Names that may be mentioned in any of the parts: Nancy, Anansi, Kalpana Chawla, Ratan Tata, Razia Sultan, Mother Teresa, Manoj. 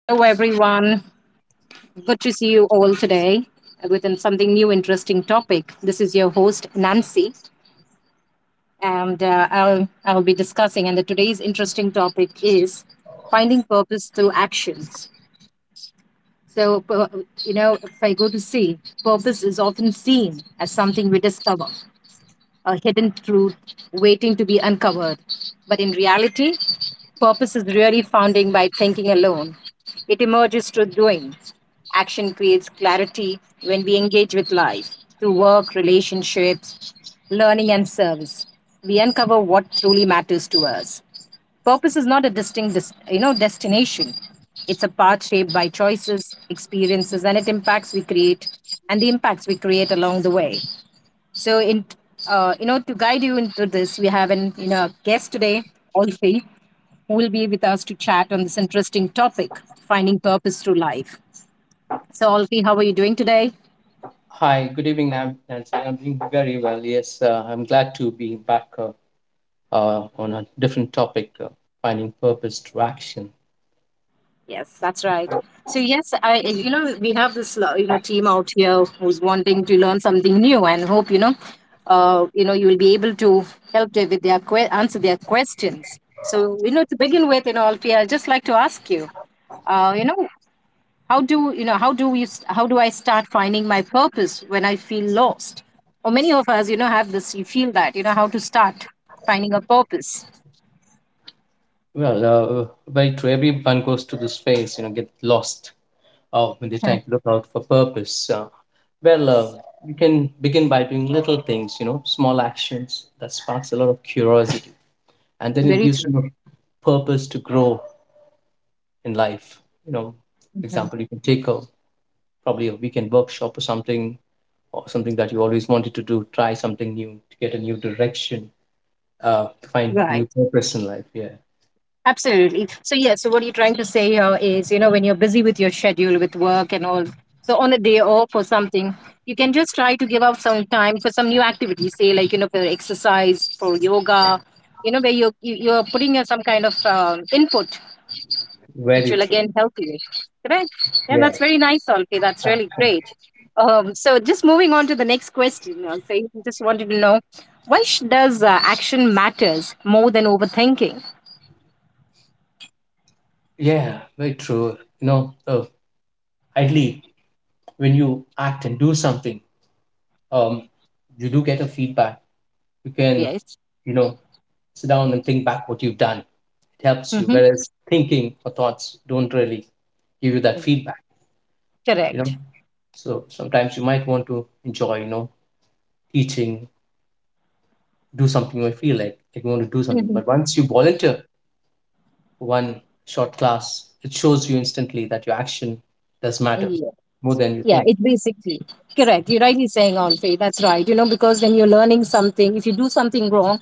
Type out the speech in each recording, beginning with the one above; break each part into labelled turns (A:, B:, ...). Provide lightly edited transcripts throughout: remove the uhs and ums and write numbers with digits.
A: Hello, everyone. Good to see you all today within something new, interesting topic. This is your host, Nancy, and I'll be discussing. Today's interesting topic is finding purpose through actions. So, if I go to see, purpose is often seen as something we discover, a hidden truth waiting to be uncovered. But in reality, purpose is really founding by thinking alone. It emerges through doing. Action creates clarity when we engage with life through work, relationships, learning, and service. We uncover what truly matters to us. Purpose is not a distinct, destination. It's a path shaped by choices, experiences, and it impacts we create, and the impacts we create along the way. So, in to guide you into this, we have an guest today, Olfi, who will be with us to chat on this interesting topic, finding purpose through life. So, Olfi, how are you doing today?
B: Hi, good evening, Nancy. I'm doing very well. Yes, I'm glad to be back on a different topic, finding purpose through action.
A: Yes, that's right. So yes, I we have this team out here who's wanting to learn something new and hope you will be able to help them with their answer their questions. So to begin with, you know, Alfie, I'd just like to ask you, uh, you know, how do how do I start finding my purpose when I feel lost or many of us have this you feel that how to start finding a purpose.
B: Well, very true. Everyone goes to this phase, you know, get lost when they're
A: Yeah.
B: trying to look out for purpose. Well, uh, you can begin by doing little things, you know, small actions that sparks a lot of curiosity, and then it
A: Very
B: gives
A: true.
B: you a purpose to grow in life. You know, for
A: Mhm.
B: example, you can take a probably a weekend workshop or something that you always wanted to do, try something new to get a new direction to find a
A: Right,
B: new purpose in life. Yeah,
A: absolutely. So yeah, so what you're trying to say here is, you know, when you're busy with your schedule with work and all, so on a day off or something, you can just try to give up some time for some new activity, say, like, you know, for exercise, for yoga, you know, where you're you are putting in some kind of input, which
B: very
A: will
B: true.
A: again help you. Correct? Yeah,
B: Yeah,
A: that's very nice, Olke. That's really
B: exactly.
A: great. So, just moving on to the next question, Olke, just wanted to know, does action matters more than overthinking?
B: Yeah, very true, you know. Ideally, when you act and do something, um you do get a feedback. You can,
A: Yes.
B: you know, sit down and think back what you've done. It helps you,
A: Mm-hmm.
B: whereas thinking or thoughts don't really give you that feedback, you know.
A: Correct.
B: So sometimes you might want to enjoy, you know, teaching, do something or feel like you want to do something.
A: Mm-hmm.
B: But once you volunteer for one short class, it shows you instantly that your action does matter
A: Yes.
B: more than you
A: Yeah,
B: think.
A: it's basically correct. You're rightly saying on faith. That's right. You know, because when you're learning something, if you do something wrong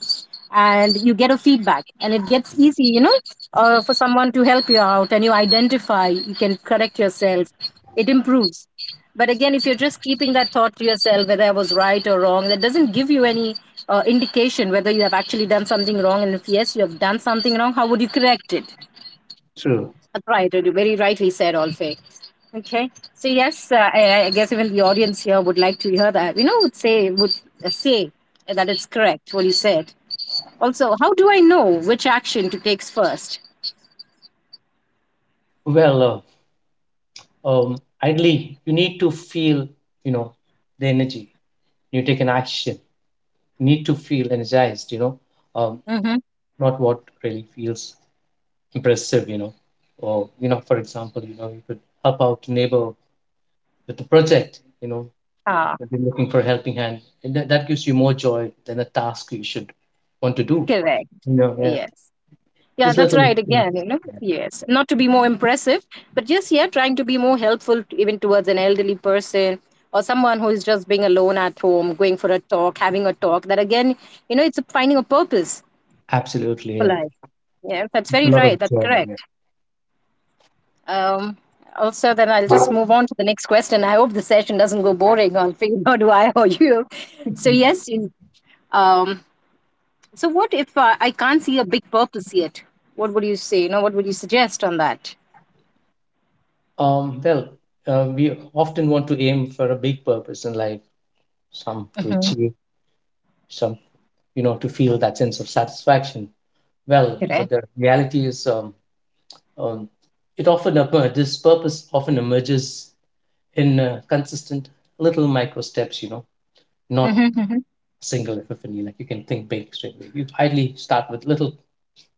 A: and you get a feedback and it gets easy, you know, for someone to help you out and you identify, you can correct yourself, it improves. But again, if you're just keeping that thought to yourself, whether I was right or wrong, that doesn't give you any indication whether you have actually done something wrong. And if yes, you have done something wrong, how would you correct it?
B: True.
A: Right, you very rightly said, Olfay. Okay, so yes, I guess even the audience here would like to hear that. You know, would say that it's correct what you said. Also, how do I know which action to take first?
B: Well, ideally, you need to feel, you know, the energy. You take an action. You need to feel energized, you know, um,
A: Mm-hmm.
B: not what really feels impressive, you know. Or, you know, for example, you know, you could help out a neighbor with a project, you know,
A: Ah,
B: you have been looking for a helping hand, and that gives you more joy than a task you should want to do.
A: correct.
B: You know, yeah,
A: Yes. Yeah,
B: just
A: that's
B: little
A: right.
B: things.
A: Again, you know,
B: Yeah,
A: yes. Not to be more impressive, but just, yeah, trying to be more helpful to, even towards an elderly person or someone who is just being alone at home, going for a talk, having a talk. That again, you know, it's finding a purpose
B: absolutely,
A: for
B: yeah.
A: life. Yeah, that's
B: It's a
A: very
B: lot
A: right.
B: of
A: That's
B: joy. Yeah.
A: correct. Um, also, then I'll just move on to the next question. I hope the session doesn't go boring on figure out do I or you. So yes, you- um, so what if I can't see a big purpose yet? What would you say? You know, what would you suggest on that?
B: Well, we often want to aim for a big purpose in life, some to
A: Mm-hmm.
B: achieve, some, you know, to feel that sense of satisfaction. Well, but
A: Correct.
B: the reality is, um, this purpose often emerges in consistent little micro steps. You know, not
A: Mm-hmm, mm-hmm.
B: single epiphany. Like you can think big straight away. You ideally start with little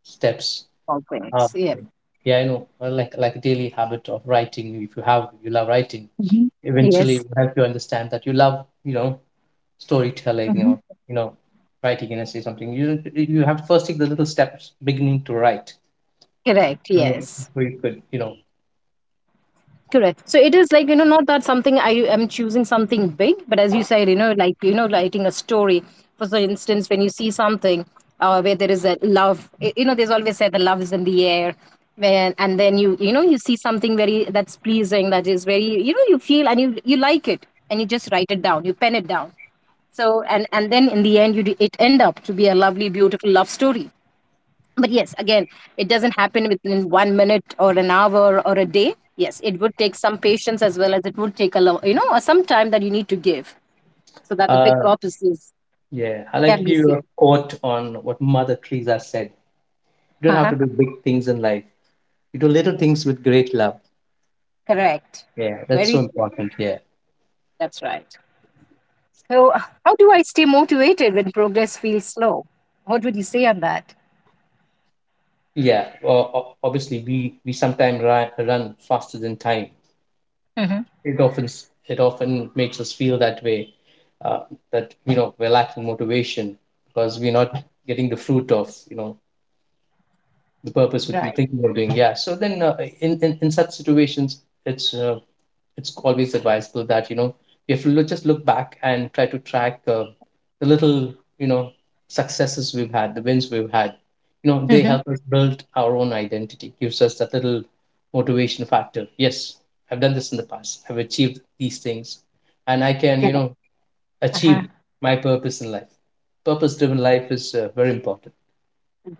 B: steps.
A: All
B: Um,
A: things. Yeah.
B: yeah, I know, like a daily habit of writing. If you have, you love writing.
A: Mm-hmm.
B: Eventually,
A: Yes.
B: it will help you understand that you love, you know, storytelling
A: Mm-hmm.
B: or, you know, writing an essay, something. You have to first take the little steps, beginning to write.
A: Correct.
B: Mm.
A: Yes.
B: Before you could, you know.
A: Correct. So it is like, you know, not that something I am choosing something big, but as you said, you know, like, you know, writing a story. For so instance, when you see something where there is a love, there's always said the love is in the air. When, and then you know, you see something very that's pleasing, that is very, you know, you feel and you like it and you just write it down, you pen it down. So, and then in the end, you do, it end up to be a lovely, beautiful love story, but yes, again, it doesn't happen within one minute or an hour or a day. Yes, it would take some patience, as well as it would take a lo- you know some time that you need to give so that the big
B: Uh,
A: processes
B: yeah, I like
A: can
B: to
A: be
B: give you
A: seen.
B: a quote on what Mother Teresa said. You don't have
A: Uh-huh.
B: to do big things in life. You do little things with great love.
A: Correct.
B: Yeah, that's so
A: Very true.
B: important. Yeah,
A: That's right. So, how do I stay motivated when progress feels slow? What would you say on that?
B: yeah. Obviously, we sometimes run faster than time.
A: Hmm.
B: It often makes us feel that way, uh, that you know we're lacking motivation because we're not getting the fruit of, you know, the purpose which we
A: Right.
B: think we're doing. Yeah. So then, in such situations, it's always advisable that, you know, we have to look, just look back and try to track the little, you know, successes we've had, the wins we've had. You know, they
A: Hmm.
B: help us build our own identity, gives us that little motivation factor. Yes, I've done this in the past, I've achieved these things, and I can, you
A: Correct.
B: know,
A: Uh-huh.
B: achieve my purpose in life. Purpose driven life is very important.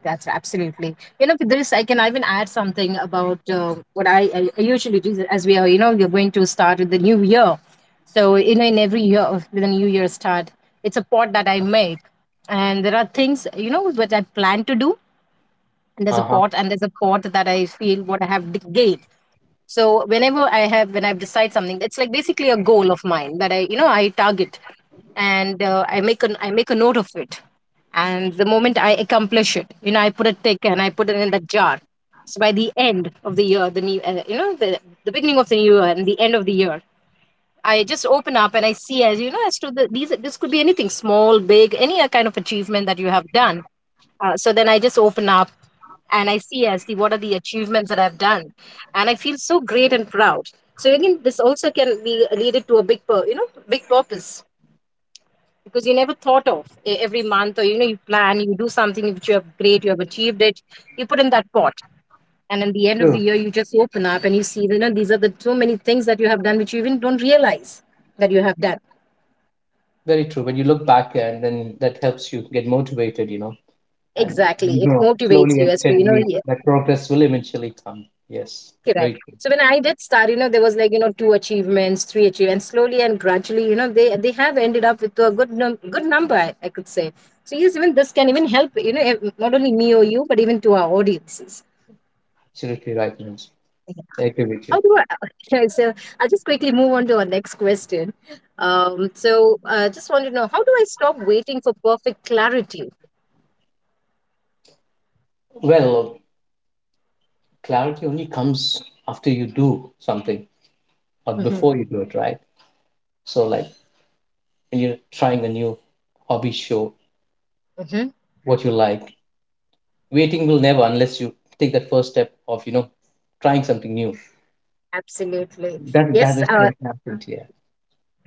A: That's absolutely. You know, with this, I can even add something about what I usually do, as we are, you know, we're going to start with the new year. So, you know, in every year, with the new year start, it's a pot that I make. And there are things, you know, what I plan to do. And there's a
B: Uh-huh.
A: pot, and there's a pot that I feel what I have gained. So whenever I have when I've decided something, it's like basically a goal of mine that I, you know, I target, and I make a note of it, and the moment I accomplish it, you know, I put a tick and I put it in that jar. So by the end of the year, the new the beginning of the new year and the end of the year, I just open up and I see as you know as to the these this could be anything small, big, any kind of achievement that you have done. So then I just open up and I see as the what are the achievements that I've done, and I feel so great and proud. So again, this also can be leaded to a big purpose, because you never thought of every month, or you know you plan, you do something which you have great, you have achieved it, you put in that pot, and at the end of the
B: True,
A: year you just open up and you see, you know, these are the so many things that you have done which you even don't realize that you have done.
B: very true. When you look back and then that helps you get motivated, you know. And you
A: Exactly, it
B: know
A: motivates
B: slowly
A: you
B: and
A: as to, you know,
B: steadily
A: yeah,
B: that progress will eventually come. Yes,
A: correct.
B: very true.
A: So when I did start, you know, there was like, you know, two achievements, three achievements, slowly and gradually, you know, they have ended up with a good number, I could say. So yes, even this can even help, you know, not only me or you but even to our audiences.
B: Absolutely right, Manoj. I agree with you.
A: How do I? Okay, so I'll just quickly move on to our next question. Just want to know, how do I stop waiting for perfect clarity?
B: Well, clarity only comes after you do something or
A: Hmm.
B: before you do it, right? So like when you're trying a new hobby show
A: Hmm.
B: what you like, waiting will never, unless you take that first step of, you know, trying something new,
A: Absolutely.
B: that that
A: Yes,
B: is
A: uh,
B: what happened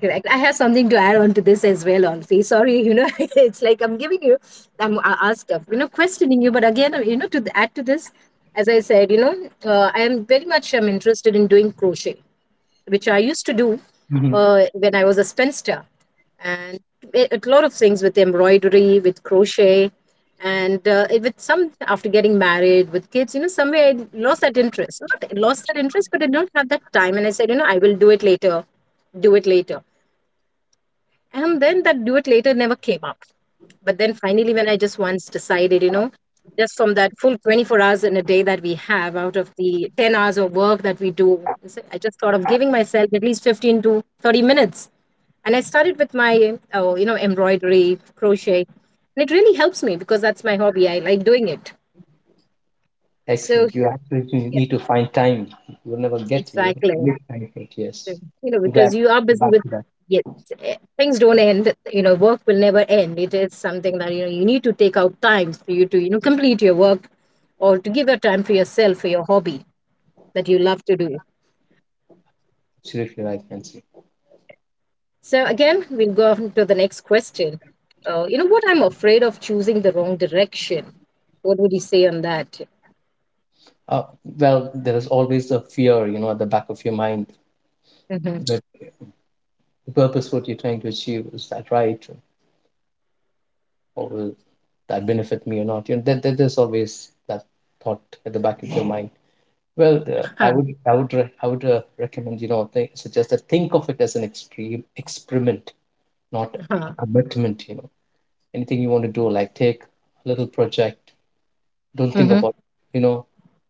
A: Correct. I have something to add on to this as well, Alfie. Sorry, you know, it's like I'm giving you, I'm asked, of, you know, questioning you. But again, you know, to add to this, as I said, you know, I am very much interested in doing crochet, which I used to do
B: here.
A: when I was a spinster. And a lot of things with embroidery, with crochet, and with some, after getting married, with kids, you know, somewhere I lost that interest. Not lost that interest, but I don't have that time. And I said, you know, I will do it later. And then that duet later never came out. But then finally, when I just once decided, you know, just from that full 24 hours in a day that we have out of the 10 hours of work that we do, I just thought of giving myself at least 15 to 30 minutes. And I started with my, oh, you know, embroidery, crochet. And it really helps me because that's my hobby. I like doing it. So,
B: Excellent. You actually
A: yeah,
B: need to find time. You'll never get you.
A: exactly.
B: Make time for it. Yes.
A: You know,
B: I'm glad.
A: because you are
B: You
A: busy
B: back
A: with
B: to that.
A: yet things don't end, you know, work will never end, it is something that you know you need to take out time for you to, you know, complete your work, or to give your time for yourself for your hobby that you love to do.
B: Absolutely right, Nancy.
A: So again, we'll go on to the next question. You know, what I'm afraid of choosing the wrong direction, what would you say on that?
B: Uh, well, there is always a fear, you know, at the back of your mind.
A: Mm-hmm.
B: But the purpose, what you're trying to achieve, is that right? Or will that benefit me or not? You know, there's always that thought at the back of your mind. Well,
A: Huh.
B: I would recommend, you know, suggest that think of it as an extreme experiment, not a
A: Huh.
B: commitment. You know, anything you want to do, like take a little project, don't think
A: Mm-hmm.
B: about, you know,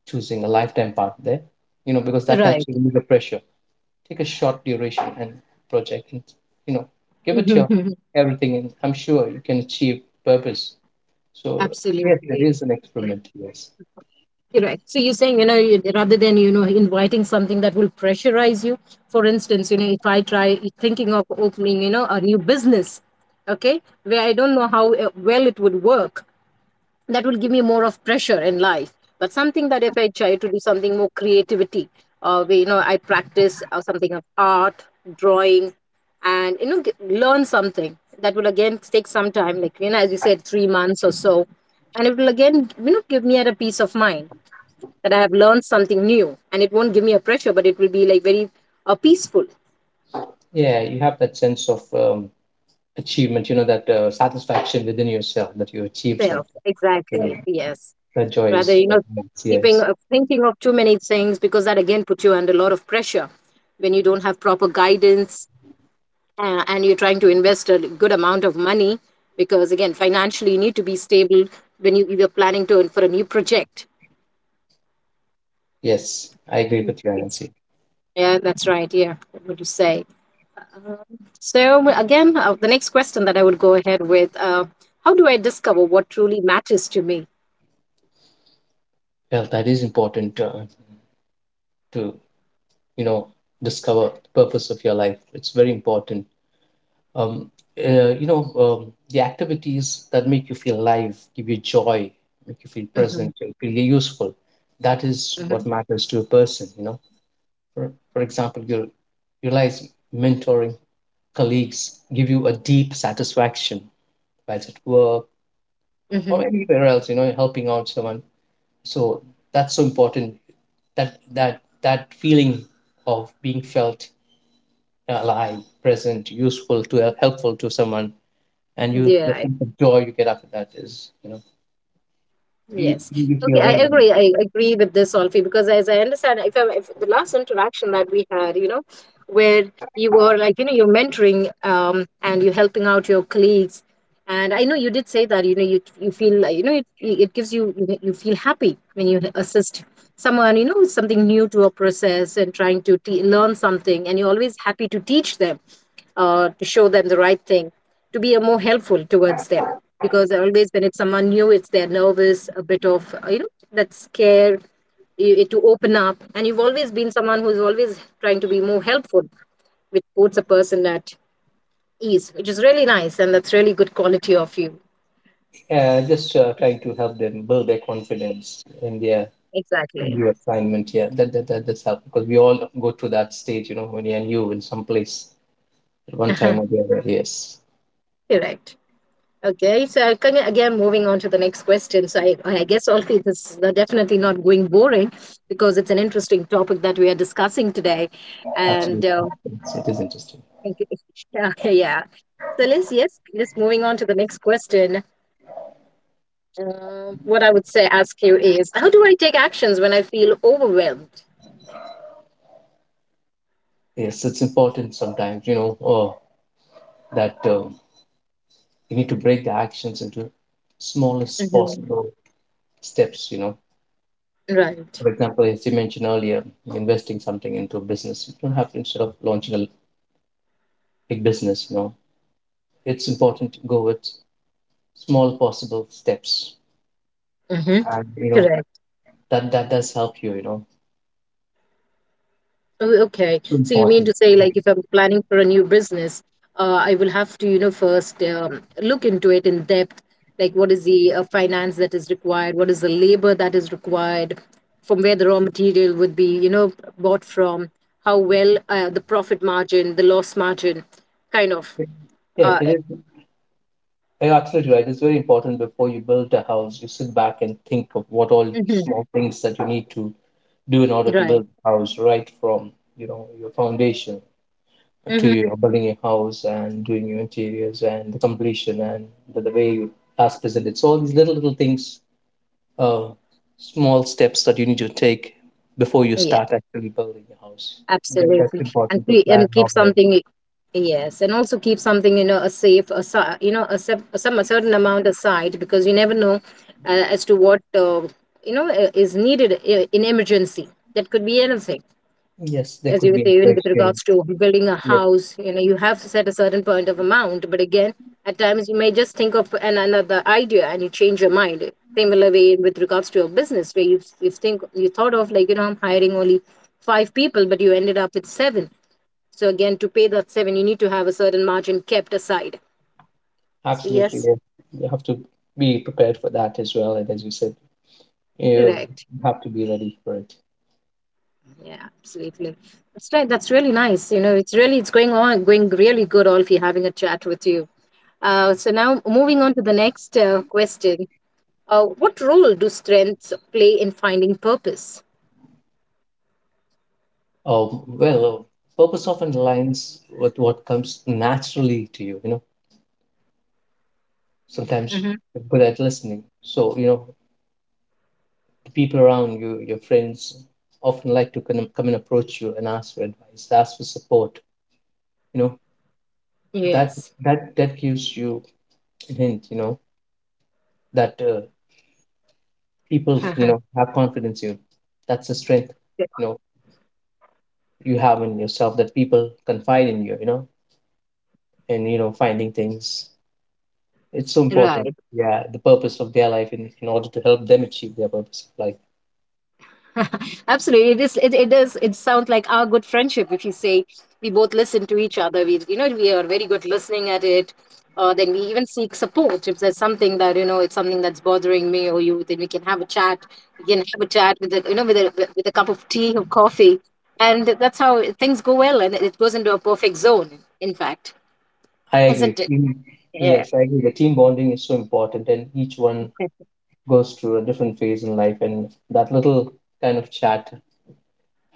B: choosing a lifetime partner there, you know, because that helps
A: Right.
B: you remove the pressure. Take a short duration and project and, you know, give it your everything, and I'm sure you can achieve purpose. So yes, there
A: Absolutely.
B: is an experiment, yes.
A: Correct. So you're saying, you know, you- rather than, you know, inviting something that will pressurize you, for instance, you know, if I try thinking of opening, you know, a new business, okay, where I don't know how well it would work, that will give me more of pressure in life. But something that if I try to do something more creativity, where, you know, I practice something of art, drawing, and, you know, g- learn something that will again take some time, like, you know, as you said, 3 months or so. And it will again, you know, give me at a peace of mind that I have learned something new and it won't give me a pressure, but it will be like very peaceful
B: Yeah, you have that sense of achievement, you know, that satisfaction within yourself that you achieved something.
A: self.
B: Yeah.
A: Exactly. Yes.
B: That joy
A: Rather,
B: is
A: you know, keeping
B: yes.
A: thinking of too many things because that again puts you under a lot of pressure when you don't have proper guidance and you're trying to invest a good amount of money because again financially you need to be stable when you're planning to for a new project.
B: Yes, I agree with you,
A: Yes.
B: Anansi.
A: Yeah, that's right. Yeah, what would you say? Um, so again, the next question that I would go ahead with: how do I discover what truly matters to me?
B: Well, that is important to, you know, discover the purpose of your life. It's very important. um, you know, the activities that make you feel alive, give you joy, make you feel
A: Mm-hmm.
B: present, you feel useful, that is what
A: Mm-hmm.
B: matters to a person, you know. For example, you realize mentoring colleagues give you a deep satisfaction while it's at work
A: Mm-hmm.
B: or anywhere else, you know, helping out someone. So that's so important, that feeling of being felt alive, present, useful to, helpful to someone, and you the
A: Yeah,
B: sense of joy you get after that is, you know, you
A: yes.
B: you feel
A: Okay, I
B: really
A: agree. I agree with this, Solfi, because as I understand, if the last interaction that we had, you know, where you were like, you know, you're mentoring and you're helping out your colleagues, and I know you did say that, you know, you feel like, you know, it gives you you feel happy when you assist someone, you know, with something new to a process and trying to te- learn something, and you're always happy to teach them, to show them the right thing, to be a more helpful towards them, because always when it's someone new it's they're nervous a bit of you know that scare you, to open up, and you've always been someone who's always trying to be more helpful, which puts a person at ease, which is really nice, and that's really good quality of you
B: just trying to help them build their confidence in their
A: exactly.
B: new assignment. Yeah, that's help because we all go through that stage. You know, when you're new in some place at one time
A: Uh-huh.
B: or the other. Yes,
A: Correct. Okay, so kind of again moving on to the next question, I guess also this is not- definitely not going boring because it's an interesting topic that we are discussing today and
B: absolutely. It's, it is interesting.
A: okay. Yeah, yeah. So let's yes, just moving on to the next question. What I would say ask you is, how do I take actions when I feel overwhelmed?
B: Yes, it's important sometimes. You know, oh, that you need to break the actions into smallest
A: Hmm.
B: possible steps. You know,
A: Right.
B: for example, as you mentioned earlier, investing something into a business, you don't have to, instead of launching a big business, you know, it's important to go with small possible steps.
A: Hmm.
B: And you know,
A: Correct.
B: that that does help you, you know.
A: Oh, okay.
B: So
A: So you mean
B: important.
A: to say, like, if I'm planning for a new business, I will have to, you know, first look into it in depth. Like, what is the finance that is required? What is the labor that is required? From where the raw material would be, you know, bought from? How well the profit margin, the loss margin, kind of.
B: Yeah,
A: Uh,
B: it is, you're absolutely right. It's very important before you build a house, you sit back and think of what all
A: mhm,
B: small things that you need to do in order to
A: right.
B: build a house, right from, you know, your foundation to
A: Hmm.
B: your building your house and doing your interiors and the completion and the way you last present, it's all these little little things, uh, small steps that you need to take before you start actually building your house. That, that's
A: Absolutely, and
B: important to
A: we
B: plan
A: and keep
B: normally.
A: something, y- yes, and also keep something you know a safe, a si- you know a sep- some a certain amount aside, because you never know as to what you know is needed I- in emergency. That could be anything,
B: Yes, there
A: as
B: could
A: you
B: be
A: say, even with
B: inflation.
A: regards to building a
B: Yes,
A: house, you know, you have to set a certain point of amount. But again, at times you may just think of an, another idea and you change your mind. Similar way with regards to your business, where you think you thought of like you know I'm hiring only five people, but you ended up with seven. So again, to pay that seven, you need to have a certain margin kept aside. So
B: absolutely,
A: yes,
B: yes. You have to be prepared for that as well, and as you said, you
A: correct.
B: have to be ready for it.
A: Yeah, absolutely. That's right. That's really nice. You know, it's really it's going on going really good. All if you're having a chat with you. So now moving on to the next question. What role do strengths play in finding purpose?
B: Oh well, purpose often aligns with what comes naturally to you, you know. Sometimes
A: Hmm.
B: you're good at listening. So, you know, the people around you, your friends, often like to come and approach you and ask for advice, ask for support. You know, that
A: Yes.
B: that gives you a hint, you know, that people, you know, have confidence in you. That's the strength, you know, you have in yourself that people confide in you, you know, and, you know, finding things. It's so important.
A: Right.
B: Yeah, the purpose of their life in order to help them achieve their purpose of life.
A: Absolutely, it is. It does. It sounds like our good friendship. If you say we both listen to each other, we you know we are very good listening at it. Then we even seek support if there's something that you know it's something that's bothering me or you. Then we can have a chat. We can have a chat with a, you know with a cup of tea or coffee, and that's how things go well, and it goes into a perfect zone. In fact,
B: I agree.
A: isn't it?
B: Team,
A: Yeah.
B: yes, I agree. The team bonding is so important, and each one goes through a different phase in life, and that little kind of chat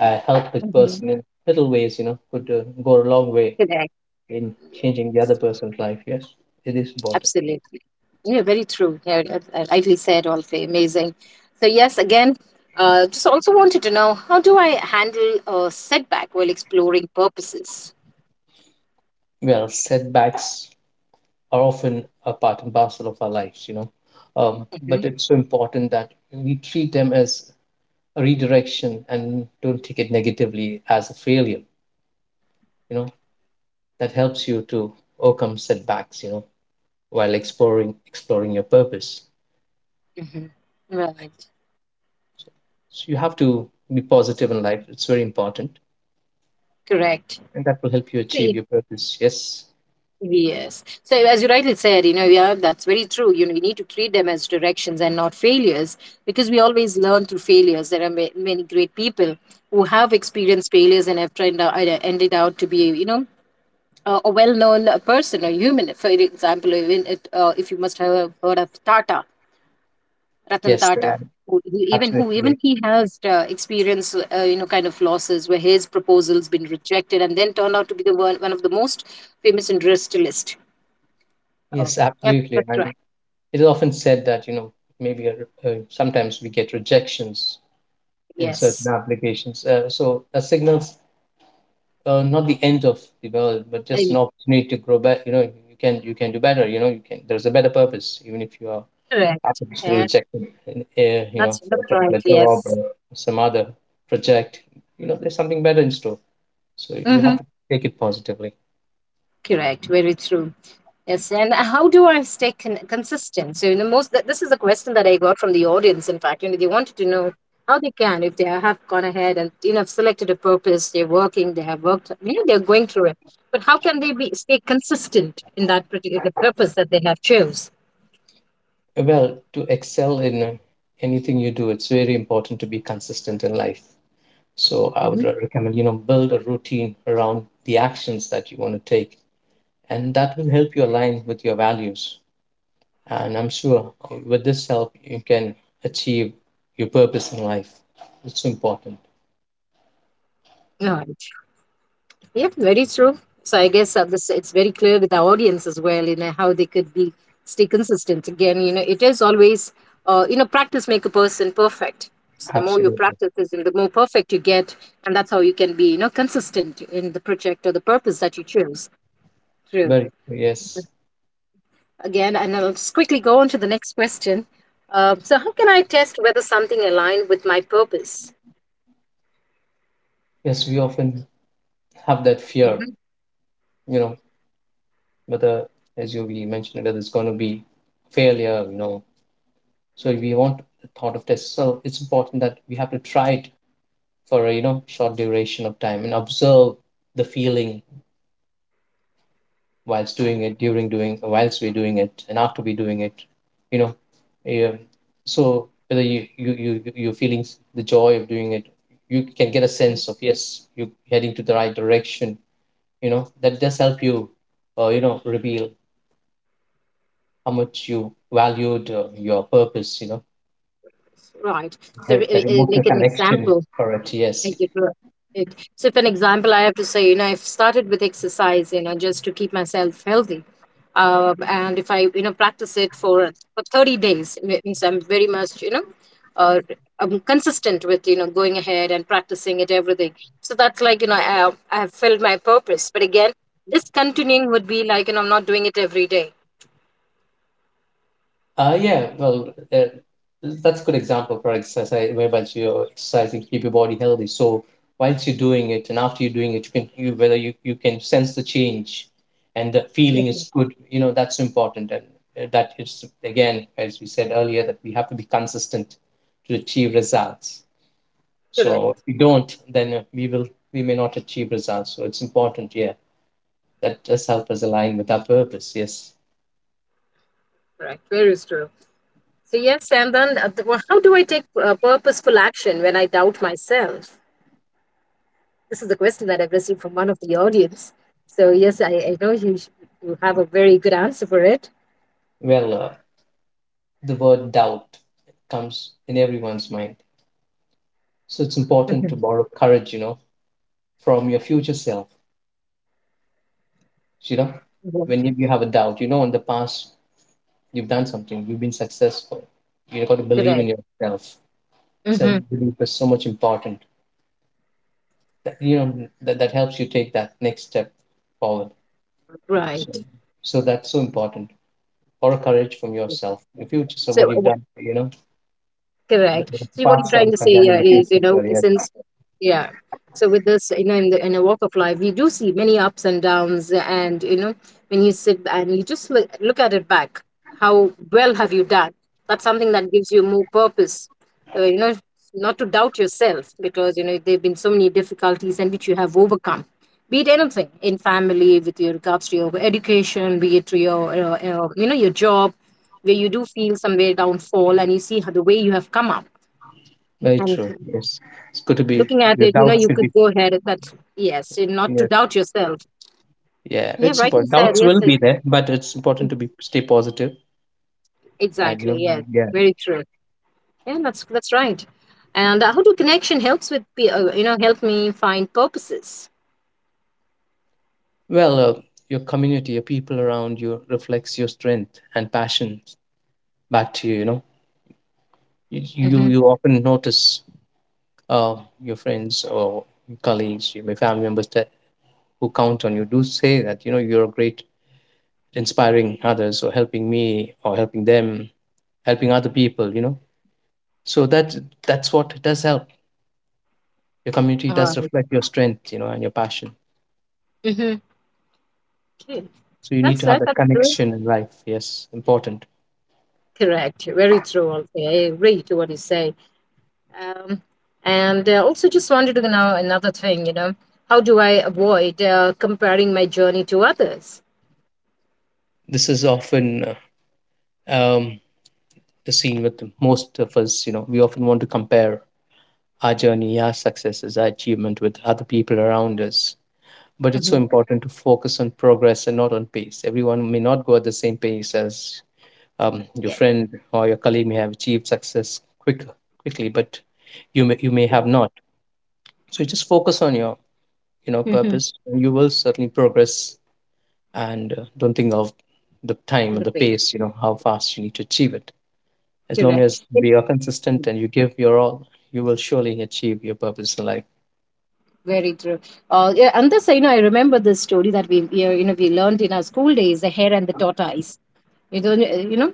B: help the
A: Mhm.
B: person in little ways. You know, could go a long way
A: Correct.
B: in
A: Yeah.
B: changing the other person's life. Yes, it is important.
A: Absolutely. Yeah, very true. Yeah, rightly said, Olfey. Amazing. So, yes, again, just also wanted to know how do I handle a setback while exploring purposes?
B: Well, setbacks are often a part and parcel of our lives. You know, but
A: Mm-hmm.
B: it's so important that we treat them as a redirection and don't take it negatively as a failure. You know, that helps you to overcome setbacks, you know, while exploring your purpose.
A: Mm-hmm. Right.
B: So, so you have to be positive in life. It's very important,
A: Correct.
B: and that will help you achieve
A: See,
B: your purpose. Yes,
A: yes. So, as you rightly said, you know, yeah, that's very true. You know, you need to treat them as directions and not failures, because we always learn through failures. There are ma- many great people who have experienced failures and have tried, ended out to be, you know, a well-known person or human. For example, even it, if you must have heard of Tata, Ratan
B: yes. Yeah,
A: Tata, who
B: absolutely. I
A: even he has experienced you know kind of losses where his proposals been rejected and then turned out to be one of the most famous industrialist. Uh,
B: yes
A: I think
B: absolutely, I
A: that's
B: mean
A: right.
B: it is often said that you know maybe sometimes we get rejections in certain
A: Yes,
B: applications, so that signals not the end of the world but just
A: Uh,
B: an opportunity to grow back. You know, you can, you can do better, you know. You can, there's a better purpose even if you are
A: correct.
B: happens to
A: Yeah,
B: reject him in, you know,
A: that's
B: for a
A: that's right.
B: particular job
A: Yes.
B: or some other project, you know there's something better in store. So you
A: Mm-hmm.
B: have to take it positively.
A: Correct. Very true. Yes, and how do I stay con- consistent? So, you know, most th- this is a question that I got from the audience. In fact, you know, they wanted to know how they can if they have gone ahead and you know have selected a purpose, they're working, they have worked, you know, they're going through it. But how can they be stay consistent in that particular purpose that they have chose?
B: Well, to excel in anything you do, it's very important to be consistent in life. So I would
A: Mm-hmm.
B: recommend, you know, build a routine around the actions that you want to take, and that will help you align with your values. And I'm sure with this help you can achieve your purpose in life. It's important.
A: All right. Yep, very true. So I guess this it's very clear with our audience as well, you know, how they could be stay consistent. Again, you know, it is always, you know, practice make a person perfect. So the more you
B: Absolutely.
A: practice this, and the more perfect you get, and that's how you can be, you know, consistent in the project or the purpose that you choose. True.
B: Very, yes.
A: Again, and I'll just quickly go on to the next question. So how can I test whether something aligned with my purpose?
B: Yes, we often have that fear, you know, whether, as you we mentioned, whether it's going to be failure, you know. So we want the thought of this. So it's important that we have to try it for a, you know, short duration of time and observe the feeling whilst doing it, during doing, whilst we're doing it, and after we're doing it, you know. Yeah. So whether you, you're feeling the joy of doing it, you can get a sense of, yes, you're heading to the right direction. You know, that does help you you know reveal how much you valued your purpose, you know.
A: Right. So,
B: Help that emotional
A: like an
B: connection.
A: example,
B: Correct, yes.
A: thank you. For it. So, if an example I have to say, you know, I've started with exercise, you know, just to keep myself healthy. And if I, you know, practice it for 30 days, it means I'm very much, you know, uh, I'm consistent with, you know, going ahead and practicing it, everything. So that's like, you know, I have filled my purpose. But again, discontinuing would be like, you know, I'm not doing it every day.
B: Yeah, well, that's a good example for exercise whereby you're exercising to keep your body healthy. So whilst you're doing it and after you're doing it, you can you whether you, you can sense the change, and the feeling
A: Mhm.
B: is good, you know, that's important. And that is again, as we said earlier, that we have to be consistent to achieve results. So if
A: Correct,
B: we don't, then we will, we may not achieve results. So it's important, yeah, that does help us align with our purpose. Yes.
A: correct. Very true. So, yes, and then the- well, how do I take purposeful action when I doubt myself? This is the question that I've received from one of the audience. So, yes, I know you, sh- you have a very good answer for it.
B: Well, the word doubt comes in everyone's mind, so it's important to
A: Mhm.
B: borrow courage, you know, from your future self. You know,
A: Yeah.
B: when you have a doubt, you know, in the past you've done something, you've been successful. You've got to believe in
A: Correct.
B: yourself. Self
A: Hmm.
B: belief is so much important. That, you know, that, that helps you take that next step forward.
A: Right.
B: So, so that's so important. Or courage from yourself, the future. So
A: So,
B: what you've
A: wh-
B: done, you know,
A: correct.
B: the
A: So, what you're
B: past self
A: trying to
B: and
A: say
B: then in
A: here
B: the
A: is, you
B: future. So
A: know,
B: yeah,
A: since, yeah. So with this you know in the in a walk of life you do see many ups and downs, and you know when you sit and you just look at it back how well have you done, that's something that gives you more purpose, you know not to doubt yourself because you know there have been so many difficulties and which you have overcome, be it anything in family with your regards to your education, be it to your you know your job where you do feel somewhere downfall and you see how the way you have come up
B: very
A: and
B: true. Yes, it's good to be.
A: looking at
B: Good.
A: it, you know, you could go ahead at that. Yes, and not to
B: Yes.
A: doubt yourself.
B: Yeah,
A: Yeah,
B: it's
A: rightly
B: important.
A: said.
B: Doubts will
A: Yes, e-
B: be there, but it's important to be stay positive. And you
A: exactly.
B: know.
A: Yes,
B: Yeah.
A: very true. Yeah, that's right. And how do connection helps with pe- you know help me find purposes.
B: Well, your community, your people around you reflects your strength and passion back to you. You know, you you
A: Mm-hmm.
B: you often notice uh, your friends or colleagues, your family members, that who count on you do say that, you know, you're a great inspiring others or helping me or helping them, helping other people, you know. So that, that's what does help. Your community does
A: All
B: reflect your strength, you know, and your passion.
A: mm-hmm. Okay.
B: So you need
A: That's
B: to have
A: that.
B: that
A: That's true.
B: connection in life. Yes, important.
A: Correct. Very true. Also, I agree to what you say. Um, and also, just wanted to know another thing. You know, how do I avoid comparing my journey to others?
B: This is often um, the scene with most of us. You know, we often want to compare our journey, our successes, our achievement with other people around us, but it's so
A: Mm-hmm.
B: important to focus on progress and not on pace. Everyone may not go at the same pace as your
A: Yeah.
B: friend or your colleague may have achieved success quickly, but you may, you may have
A: Correct.
B: not. So just focus on your, you know,
A: Mm-hmm.
B: purpose, and you will certainly progress. And don't think of the time or the pace, you know, how fast you need to achieve it. As long as
A: Correct. Interesting.
B: we are consistent and you give your all, you will surely achieve your purpose in life.
A: Very true. Yeah, and this, you know, I remember this story that you know, we learned in our school days, the hare and the tortoise. You know, you know,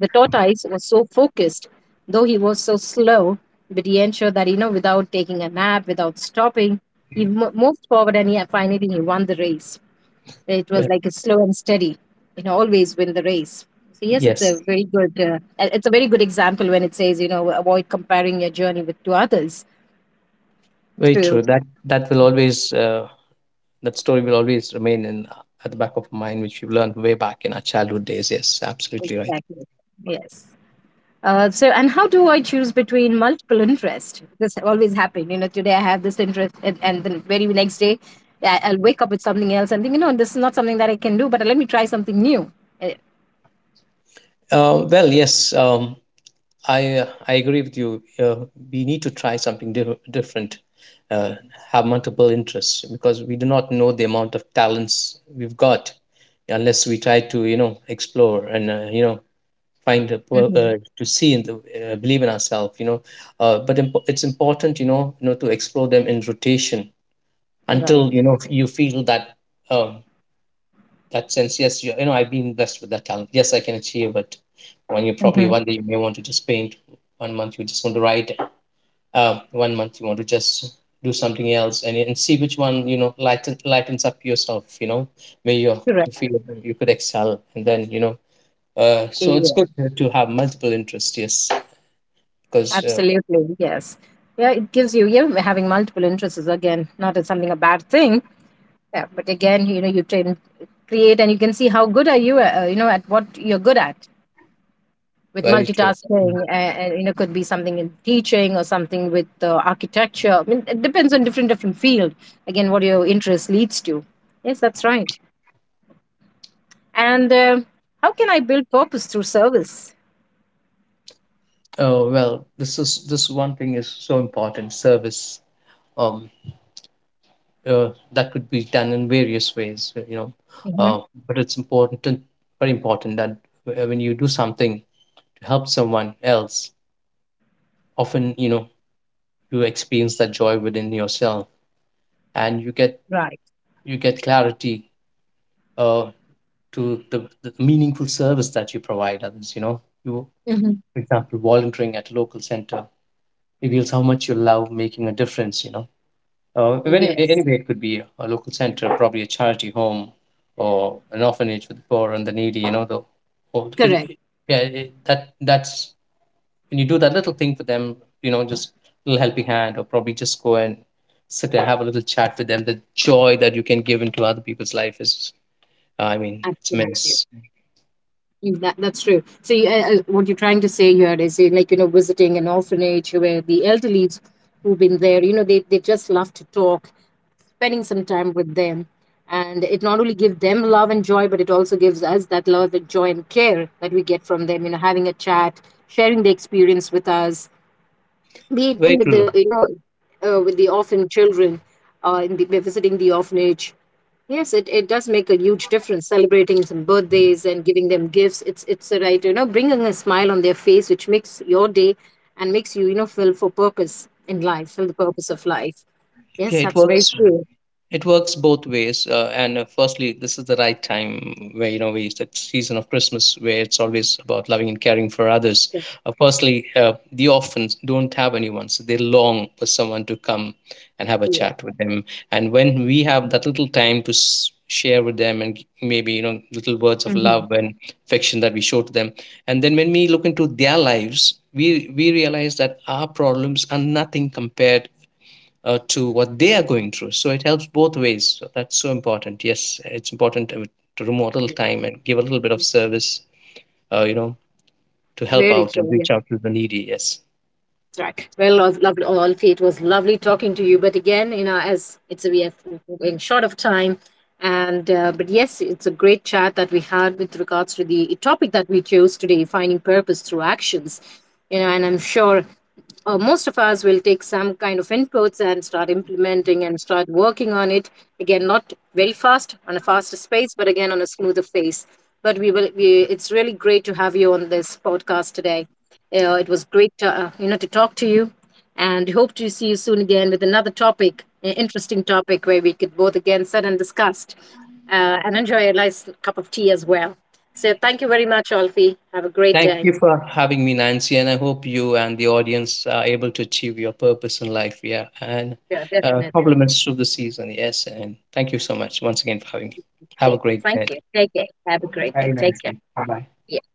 A: the tortoise was so focused, though he was so slow, but he ensured that, without taking a nap, without stopping, he moved forward and he finally he won the race. It was
B: Well,
A: like a slow and steady, you know, always win the race. So yes, it's a
B: yes,
A: very good, it's a very good example when it says, you know, avoid comparing your journey with to others.
B: very
A: True.
B: true. That, that will always that story will always remain in at the back of our mind, which we've learned way back in our childhood days. Yes, absolutely right.
A: Exactly. Yes. So and how do I choose between multiple interests? This always happen. You know, today I have this interest, and the very next day I'll wake up with something else and think, you know, this is not something that I can do, but let me try something new. Uh,
B: Well, yes, I agree with you. We need to try something different, uh, have multiple interests because we do not know the amount of talents we've got unless we try to, you know, explore and, you know, find a,
A: mhm.
B: to see and, believe in ourselves. You know, it's important, you know, to explore them in rotation until,
A: Right.
B: you know, you feel that. um that sense, yes, you know, I've been blessed with that talent. Yes, I can achieve it. When you probably
A: Hmm.
B: one day you may want to just paint, one month you just want to write, one month you want to just do something else, and see which one, you know, lightens up yourself. You know, may you,
A: Correct.
B: you feel that you could excel, and then, you know, so it's
A: Yeah.
B: good to have multiple interests. Yes, because
A: Absolutely. Yes. Yeah, it gives you, yeah, having multiple interests is again not as something a bad thing. Yeah, but again, you know, you train, create, and you can see how good are you, you know, at what you're good at. With
B: very true.
A: multitasking and you know could be something in teaching or something with architecture. I mean, it depends on different different field, again what your interest leads to. Yes, that's right. And how can I build purpose through service?
B: Oh well, this is this one thing is so important. Service. Um, that could be done in various ways, you know.
A: Mhm.
B: Uh, but it's important, and very important that when you do something to help someone else, often, you know, you experience that joy within yourself, and you get,
A: Right.
B: you get clarity uh, to the meaningful service that you provide others. You know, you,
A: Mhm.
B: for example, volunteering at a local center reveals how much you love making a difference. You know. But any,
A: Yes.
B: anyway, it could be a local center, probably a charity home or an orphanage for the poor and the needy. You know, the old.
A: Correct.
B: It, yeah, it, that that's when you do that little thing for them. You know, just a little helping hand, or probably just go and sit and have a little chat with them. The joy that you can give into other people's life is, I mean, it's
A: Absolutely.
B: immense.
A: Mm, that, that's true. So, what you're trying to say here is, like, you know, visiting an orphanage where the elderly who've been there, you know, they just love to talk, spending some time with them. And it not only gives them love and joy, but it also gives us that love and joy and care that we get from them, you know, having a chat, sharing the experience with us, be it even
B: Very
A: with
B: true.
A: the with the orphan children, we're visiting the orphanage. Yes, it does make a huge difference, celebrating some birthdays and giving them gifts. It's a right, you know, bringing a smile on their face which makes your day and makes you you know feel for purpose in life, feel the purpose of life.
B: Yeah,
A: Yes,
B: it
A: that's very
B: works.
A: true.
B: It works both ways. And firstly, this is the right time where, you know, we, it's the season of Christmas where it's always about loving and caring for others. Firstly, the orphans don't have anyone, so they long for someone to come and have a
A: Yeah.
B: chat with them. And when we have that little time to share with them and maybe, you know, little words of love
A: Mhm.
B: and affection that we show to them. And then when we look into their lives, we realize that our problems are nothing compared to what they are going through. So it helps both ways. So that's so important. Yes, it's important to remove a little time and give a little bit of service, you know, to help
A: Very
B: out and
A: true. Yeah,
B: reach out to the needy. Yes.
A: that's right. Well, lovely, all it was lovely talking to you, but again, you know, as it's we have, we're going short of time. And but yes, it's a great chat that we had with regards to the topic that we chose today, finding purpose through actions. You know, and I'm sure most of us will take some kind of inputs and start implementing and start working on it, again not very fast on a faster space but again on a smoother pace. But we will we, it's really great to have you on this podcast today. It was great to, you know, to talk to you and hope to see you soon again with another topic, an interesting topic where we could both again sit and discuss, and enjoy a nice cup of tea as well. So thank you very much, Alfie. Have a great
B: Thank you
A: day.
B: for having me, Nancy, and I hope you and the audience are able to achieve your purpose in life. Yeah, and
A: Yeah, definitely.
B: compliments through the season. Yes, and thank you so much once again for having me. Have a great day.
A: Thank you. Take care. Have a great day. Take care. Yeah.